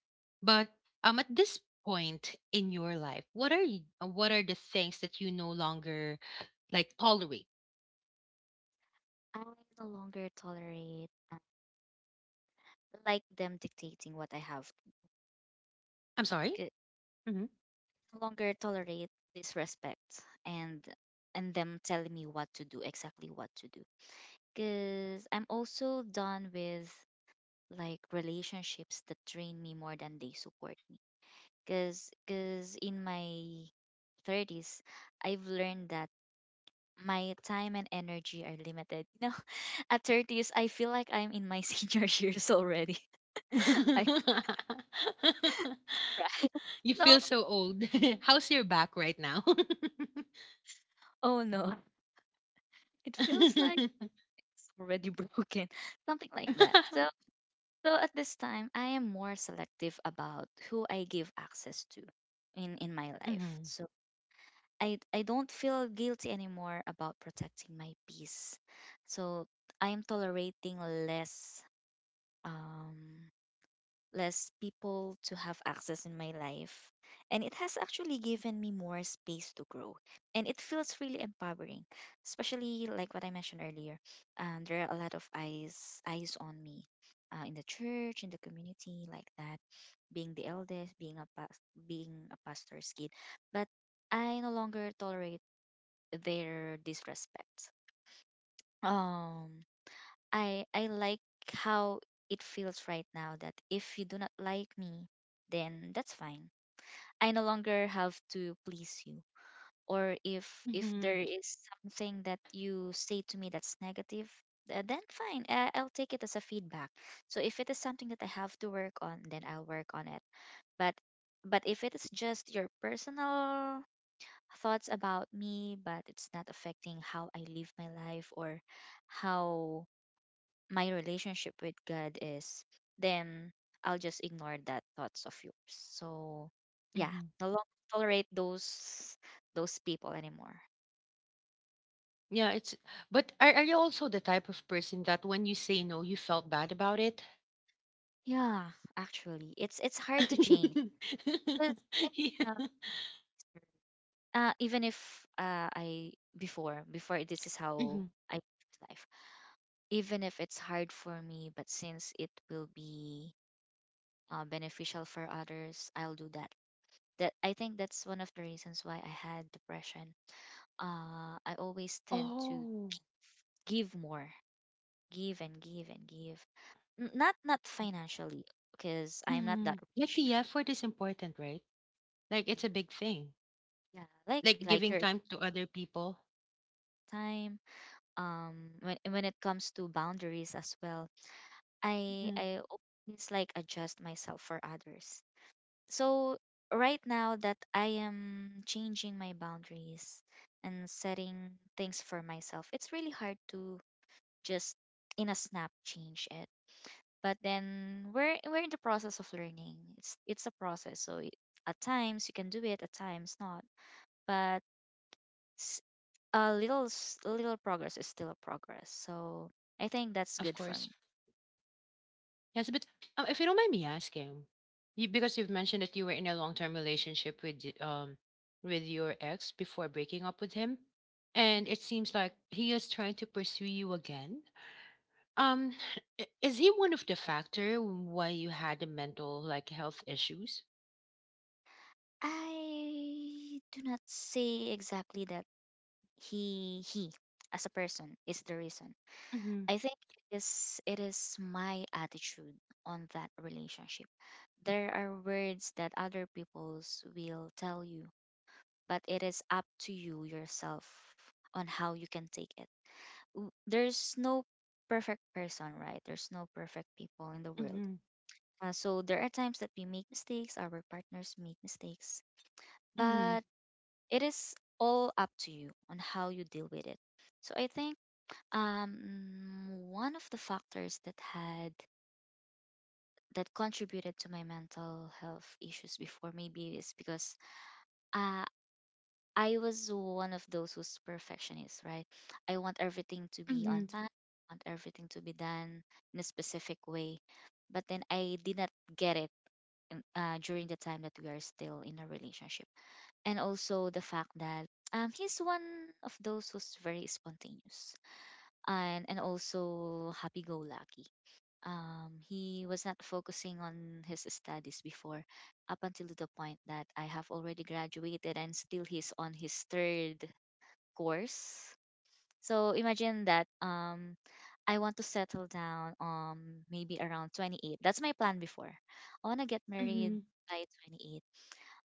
But at this point in your life, what are you, what are the things that you no longer like tolerate? I no longer tolerate like them dictating what I have. I'm sorry. Mhm. No longer tolerate disrespect and them telling me what to do, exactly what to do. Cause I'm also done with like relationships that drain me more than they support me. Cause in my thirties, I've learned that my time and energy are limited. You know, <laughs> at thirties, I feel like I'm in my <laughs> senior years already. <laughs> I <laughs> You right. feel so So, old. <laughs> How's your back right now? oh no, it feels <laughs> like it's already broken, <laughs> something like that. So So at this time, I am more selective about who I give access to in my Mhm, life. So I don't feel guilty anymore about protecting my peace. So I am tolerating less um less people to have access in my life. And it has actually given me more space to grow. And it feels really empowering, especially like what I mentioned earlier. There are a lot of eyes on me in the church, in the community, like that, being the eldest, being a pastor's kid. But I no longer tolerate their disrespect. Um, I like how it feels right now that if you do not like me, then that's fine. I no longer have to please you. Or if mhm, if there is something that you say to me that's negative, then fine. I'll take it as a feedback. So if it is something that I have to work on, then I'll work on it. But if it is just your personal thoughts about me, but it's not affecting how I live my life or how my relationship with God is, then I'll just ignore that thoughts of yours. So mhm. yeah, no longer tolerate those people anymore. Yeah, it's. But are you also the type of person that when you say no, you felt bad about it? Yeah, actually, it's hard to change. <laughs> 'Cause, um, even if I before before this is Yeah. how I live life. Even if it's hard for me, but since it will be beneficial for others, I'll do that. That I think that's one of the reasons why I had depression. Uh, I always tend Oh. to give more, give and give and give. Not financially, because Mm. I'm not Like that the effort rich. is important, right? Like it's a big Yeah, thing. yeah. Like giving time to Like your other people. time. When it comes to boundaries as well, Mhm. I always like adjust myself for others. So right now that I am changing my boundaries and setting things for myself, it's really hard to just in a snap change it. But then we're in the process of learning. It's a process, so it, at times you can do it, at times not. But s- a little progress is still a progress, so I Of think that's course. good for me. Yes, but if you don't mind me asking, you, because you've mentioned that you were in a long-term relationship with with your ex before breaking up with him, and it seems like he is trying to pursue you again. Um, is he one of the factor why you had the mental like health issues? I do not say exactly that he as a person is the reason. Mm-hmm. I think it is my attitude on that relationship. There are words that other people's will tell you, but it is up to you yourself on how you can take it. There's no perfect person, right? There's no perfect people in Mm-hmm. the world. So there are times that we make mistakes, our partners make mistakes, Mm-hmm. but it is all up to you on how you deal with it. So I think um, one of the factors that had that contributed to my mental health issues before maybe is because uh, I was one of those who's perfectionist, right? I want everything to be on time, I want everything to be done in a specific way. But then I did not get it during the time that we are still in a relationship. And also the fact that he's one of those who's very spontaneous and, also happy go lucky. He was not focusing on his studies before, up until the point that I have already graduated and still he's on his third course. So imagine that I want to settle down maybe around 28. That's my plan before. I want to get Mm-hmm. married by 28.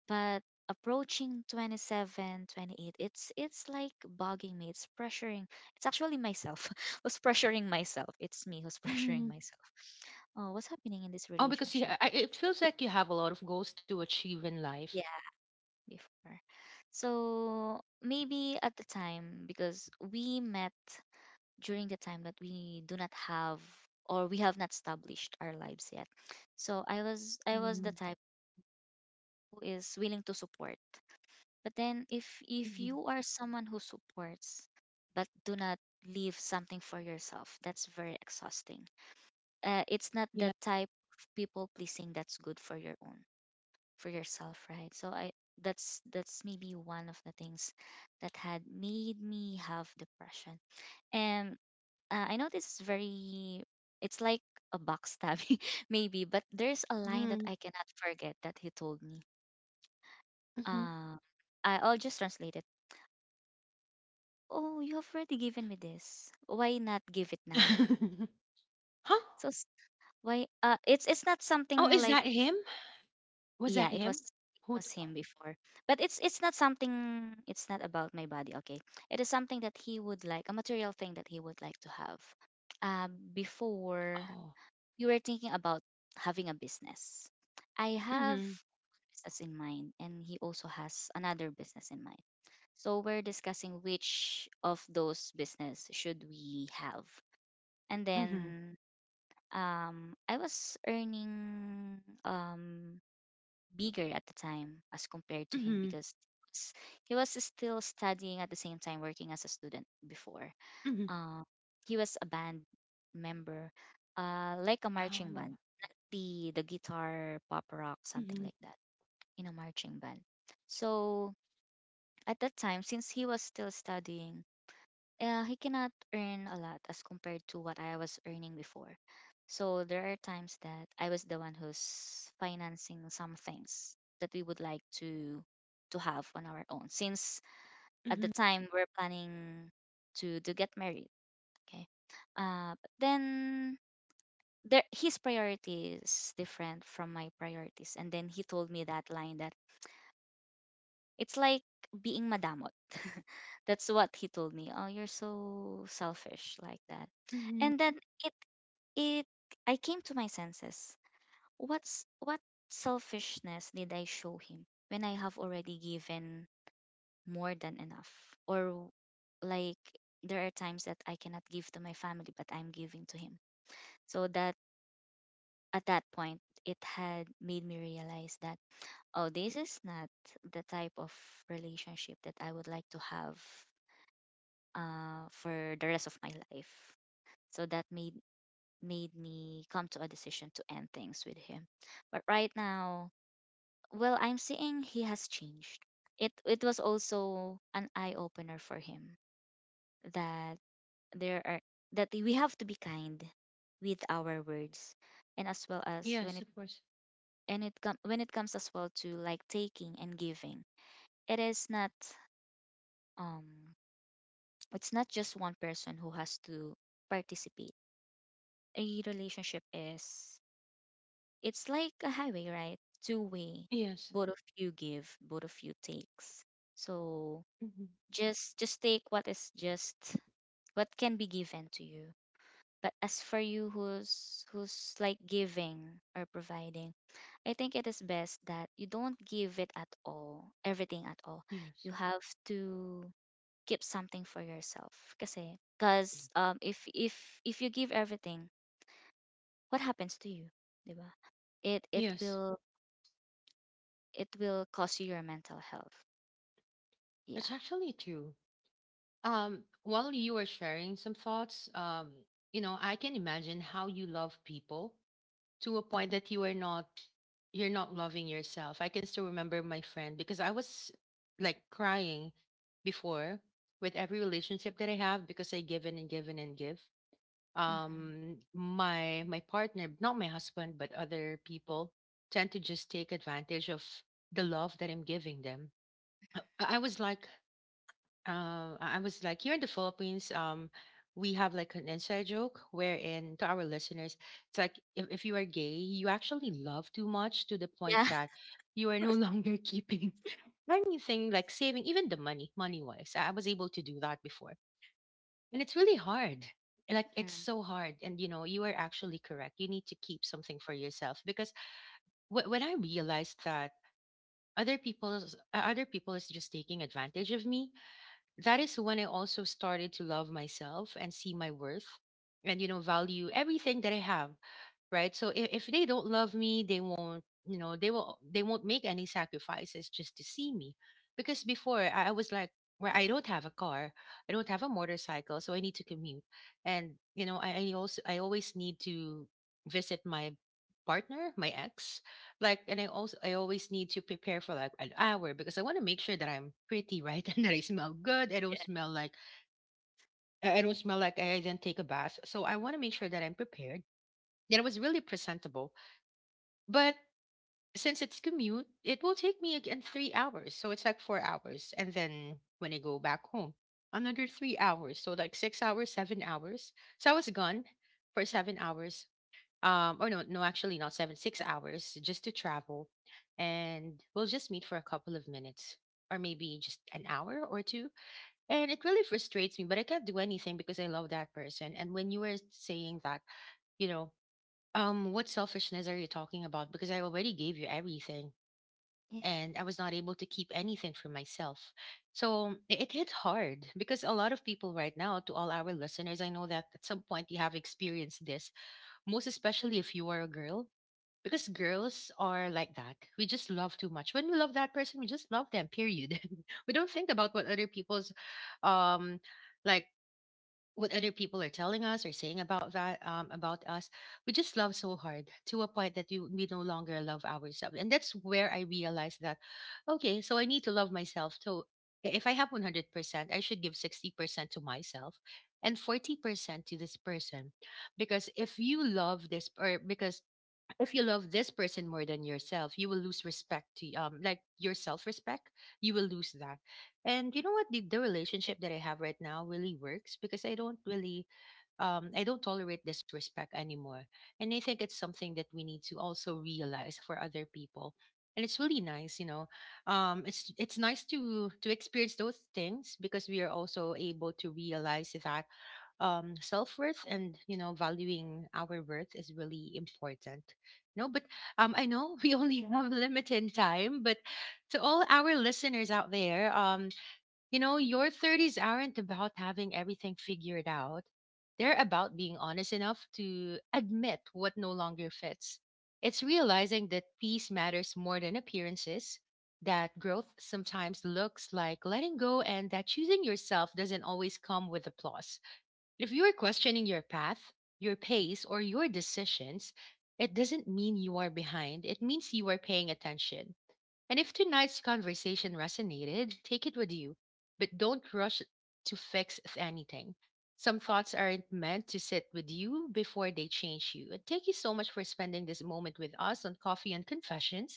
But approaching 27, 28, it's like bugging me. It's pressuring. It's actually myself <laughs> who's pressuring myself. It's Mhm. me who's <laughs> pressuring myself. Oh, what's Oh, happening because in you, this I, it relationship? feels like you have a lot of goals to achieve in life. Yeah, before. So maybe at the time because we met during the time that we do not have or we have not established our lives yet. So Mhm. I was the type who is willing to support. But then Mhm. If you are someone who supports but do not leave something for yourself, that's very exhausting. Yeah. It's not the type of people pleasing that's good for your own for yourself, right? So I that's maybe one of the things that had made me have depression. And I know this is very, it's like a backstabbing, <laughs> maybe, but Mhm. there's a line that I cannot forget that he told me. Mhm. Uh, I'll just translate it. Oh, you have already given me this. Why not give it now? <laughs> Huh? So s- why? It's Oh, not is that something him? like Was that him? yeah, it was Who? T- him before, but it's not something. It's not about my body. Okay, it is something that he would like, a material thing that he would like to have. Uh, oh. before you were thinking about having a business. I Mhm. have business in mind, and he also has another business in mind. So we're discussing which of those business should we have. Mhm. And then I was earning um, bigger at the time as Mhm. compared to him because s- he was still studying at the same time working as a student before. Mhm. Uh, he was a band member, like a Oh. marching band, not the guitar pop rock Mhm. something like that, in a marching band. So at that time, since he was still studying, he cannot earn a lot as compared to what I was earning before. So there are times that I was the one who's financing some things that we would like to have on our own. Since Mhm. at the time we're planning to get married. Okay, but then there his priority is different from my priorities. And then he told me that line that it's like being madamot. <laughs> That's what he told me. Oh, you're so selfish like that. Mhm. And then it it I came to my senses. What selfishness did I show him when I have already given more than enough? Or like there are times that I cannot give to my family but I'm giving to him. So that at that point, it had made me realize that, oh, this is not the type of relationship that I would like to have for the rest of my life. So that made me come to a decision to end things with him. But right now, well, I'm seeing he has changed. It was also an eye opener for him that there are that we have to be kind with our words, and as well Yes, of as course. when it when it comes as well to like taking and giving. It is not um it's not just one person who has to participate. A relationship is it's like a highway, right? Two Yes. way, both of you give, both of you takes. Mhm. So just take what is just what can be given to you. But as for you who's like giving or providing, I think it is best that you don't give it at all, everything at Yes. all. You have to keep something for yourself. Kasi, cause if if you give everything, what happens to you? 'Di ba? Yes, It it will it will cost you your mental health. that's actually Yeah. true. While you were sharing some thoughts, you know, I can imagine how you love people to a point that you are not you're not loving yourself. I can still remember my friend because I was like crying before with every relationship that I have because I give and give and give. Um, Hmm. My partner, not my husband, but other people tend to just take advantage of the love that I'm giving them. I was like I was like, here in the Philippines, we have like an inside joke wherein, to our listeners, it's like, if you are gay, you actually love too much to the point that Yeah. <laughs> you are no longer <laughs> keeping anything, like saving, even the money, money wise. I was able to do that before. And it's really hard. Like, it's so hard. Mhm. And you know, you are actually correct. You need to keep something for yourself, because when I realized that other people is just taking advantage of me, that is when I also started to love myself and see my worth and, you know, value everything that I have. Right, so if they don't love me, they won't, you know, they will, they won't make any sacrifices just to see me. Because before I was like, where I don't have a car, I don't have a motorcycle, so I need to commute. And you know, I also, I always need to visit my partner, my ex. Like, and I also, I always need to prepare for like an hour, because I want to make sure that I'm pretty, right, <laughs> and that I smell good, I don't smell like Yeah. I don't smell like I didn't take a bath. So I want to make sure that I'm prepared, that I was really presentable. But since it's commute, it will take me again 3 hours. So it's like 4 hours. And then when I go back home, another 3 hours. So like 6 hours, 7 hours. So I was gone for 7 hours. Or no, no, actually not seven, 6 hours just to travel. And we'll just meet for a couple of minutes, or maybe just an hour or two. And it really frustrates me, but I can't do anything because I love that person. And when you were saying that, you know, what selfishness are you talking about? Because I already gave you everything and I Yeah. was not able to keep anything for myself. So it hit hard, because a lot of people right now, to all our listeners, I know that at some point you have experienced this, most especially if you are a girl, because girls are like that. We just love too much. When we love that person, we just love them, period. <laughs> We don't think about what other people's um like what other people are telling us or saying about that about us. We just love so hard to a point that we no longer love ourselves. And that's where I realized that, okay, so I need to love myself. So if I have 100%, I should give 60% to myself and 40% to this person. Because if you love this, or because if you love this person more than yourself, you will lose respect to, like your self respect. You will lose that. And you know what? The relationship that I have right now really works, because I don't really I don't tolerate disrespect anymore. And I think it's something that we need to also realize for other people. And it's really nice, you know. It's nice to experience those things, because we are also able to realize that, self worth and, you know, valuing our worth is really important. No, but I know <laughs> we only have limited time, but to all our listeners out there, you know, your 30s aren't about having everything figured out. They're about being honest enough to admit what no longer fits. It's realizing that peace matters more than appearances, that growth sometimes looks like letting go, and that choosing yourself doesn't always come with applause. If you are questioning your path, your pace, or your decisions, it doesn't mean you are behind. It means you are paying attention. And if tonight's conversation resonated, take it with you, but don't rush to fix anything. Some thoughts aren't meant to sit with you before they change you. And thank you so much for spending this moment with us on Coffee and Confessions.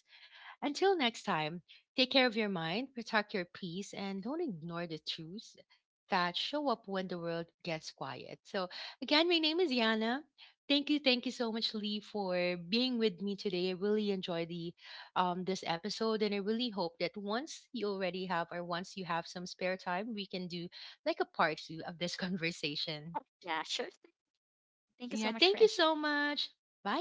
Until next time, take care of your mind, protect your peace, and don't ignore the truths that show up when the world gets quiet. So, again, my name is Yana. Thank you so much, Lee, for being with me today. I really enjoyed the this episode, and I really hope that once you already have, or once you have some spare time, we can do like a part two of this <laughs> conversation. Yeah. Sure. Yeah, thank Thank you you so so much for much. Bye.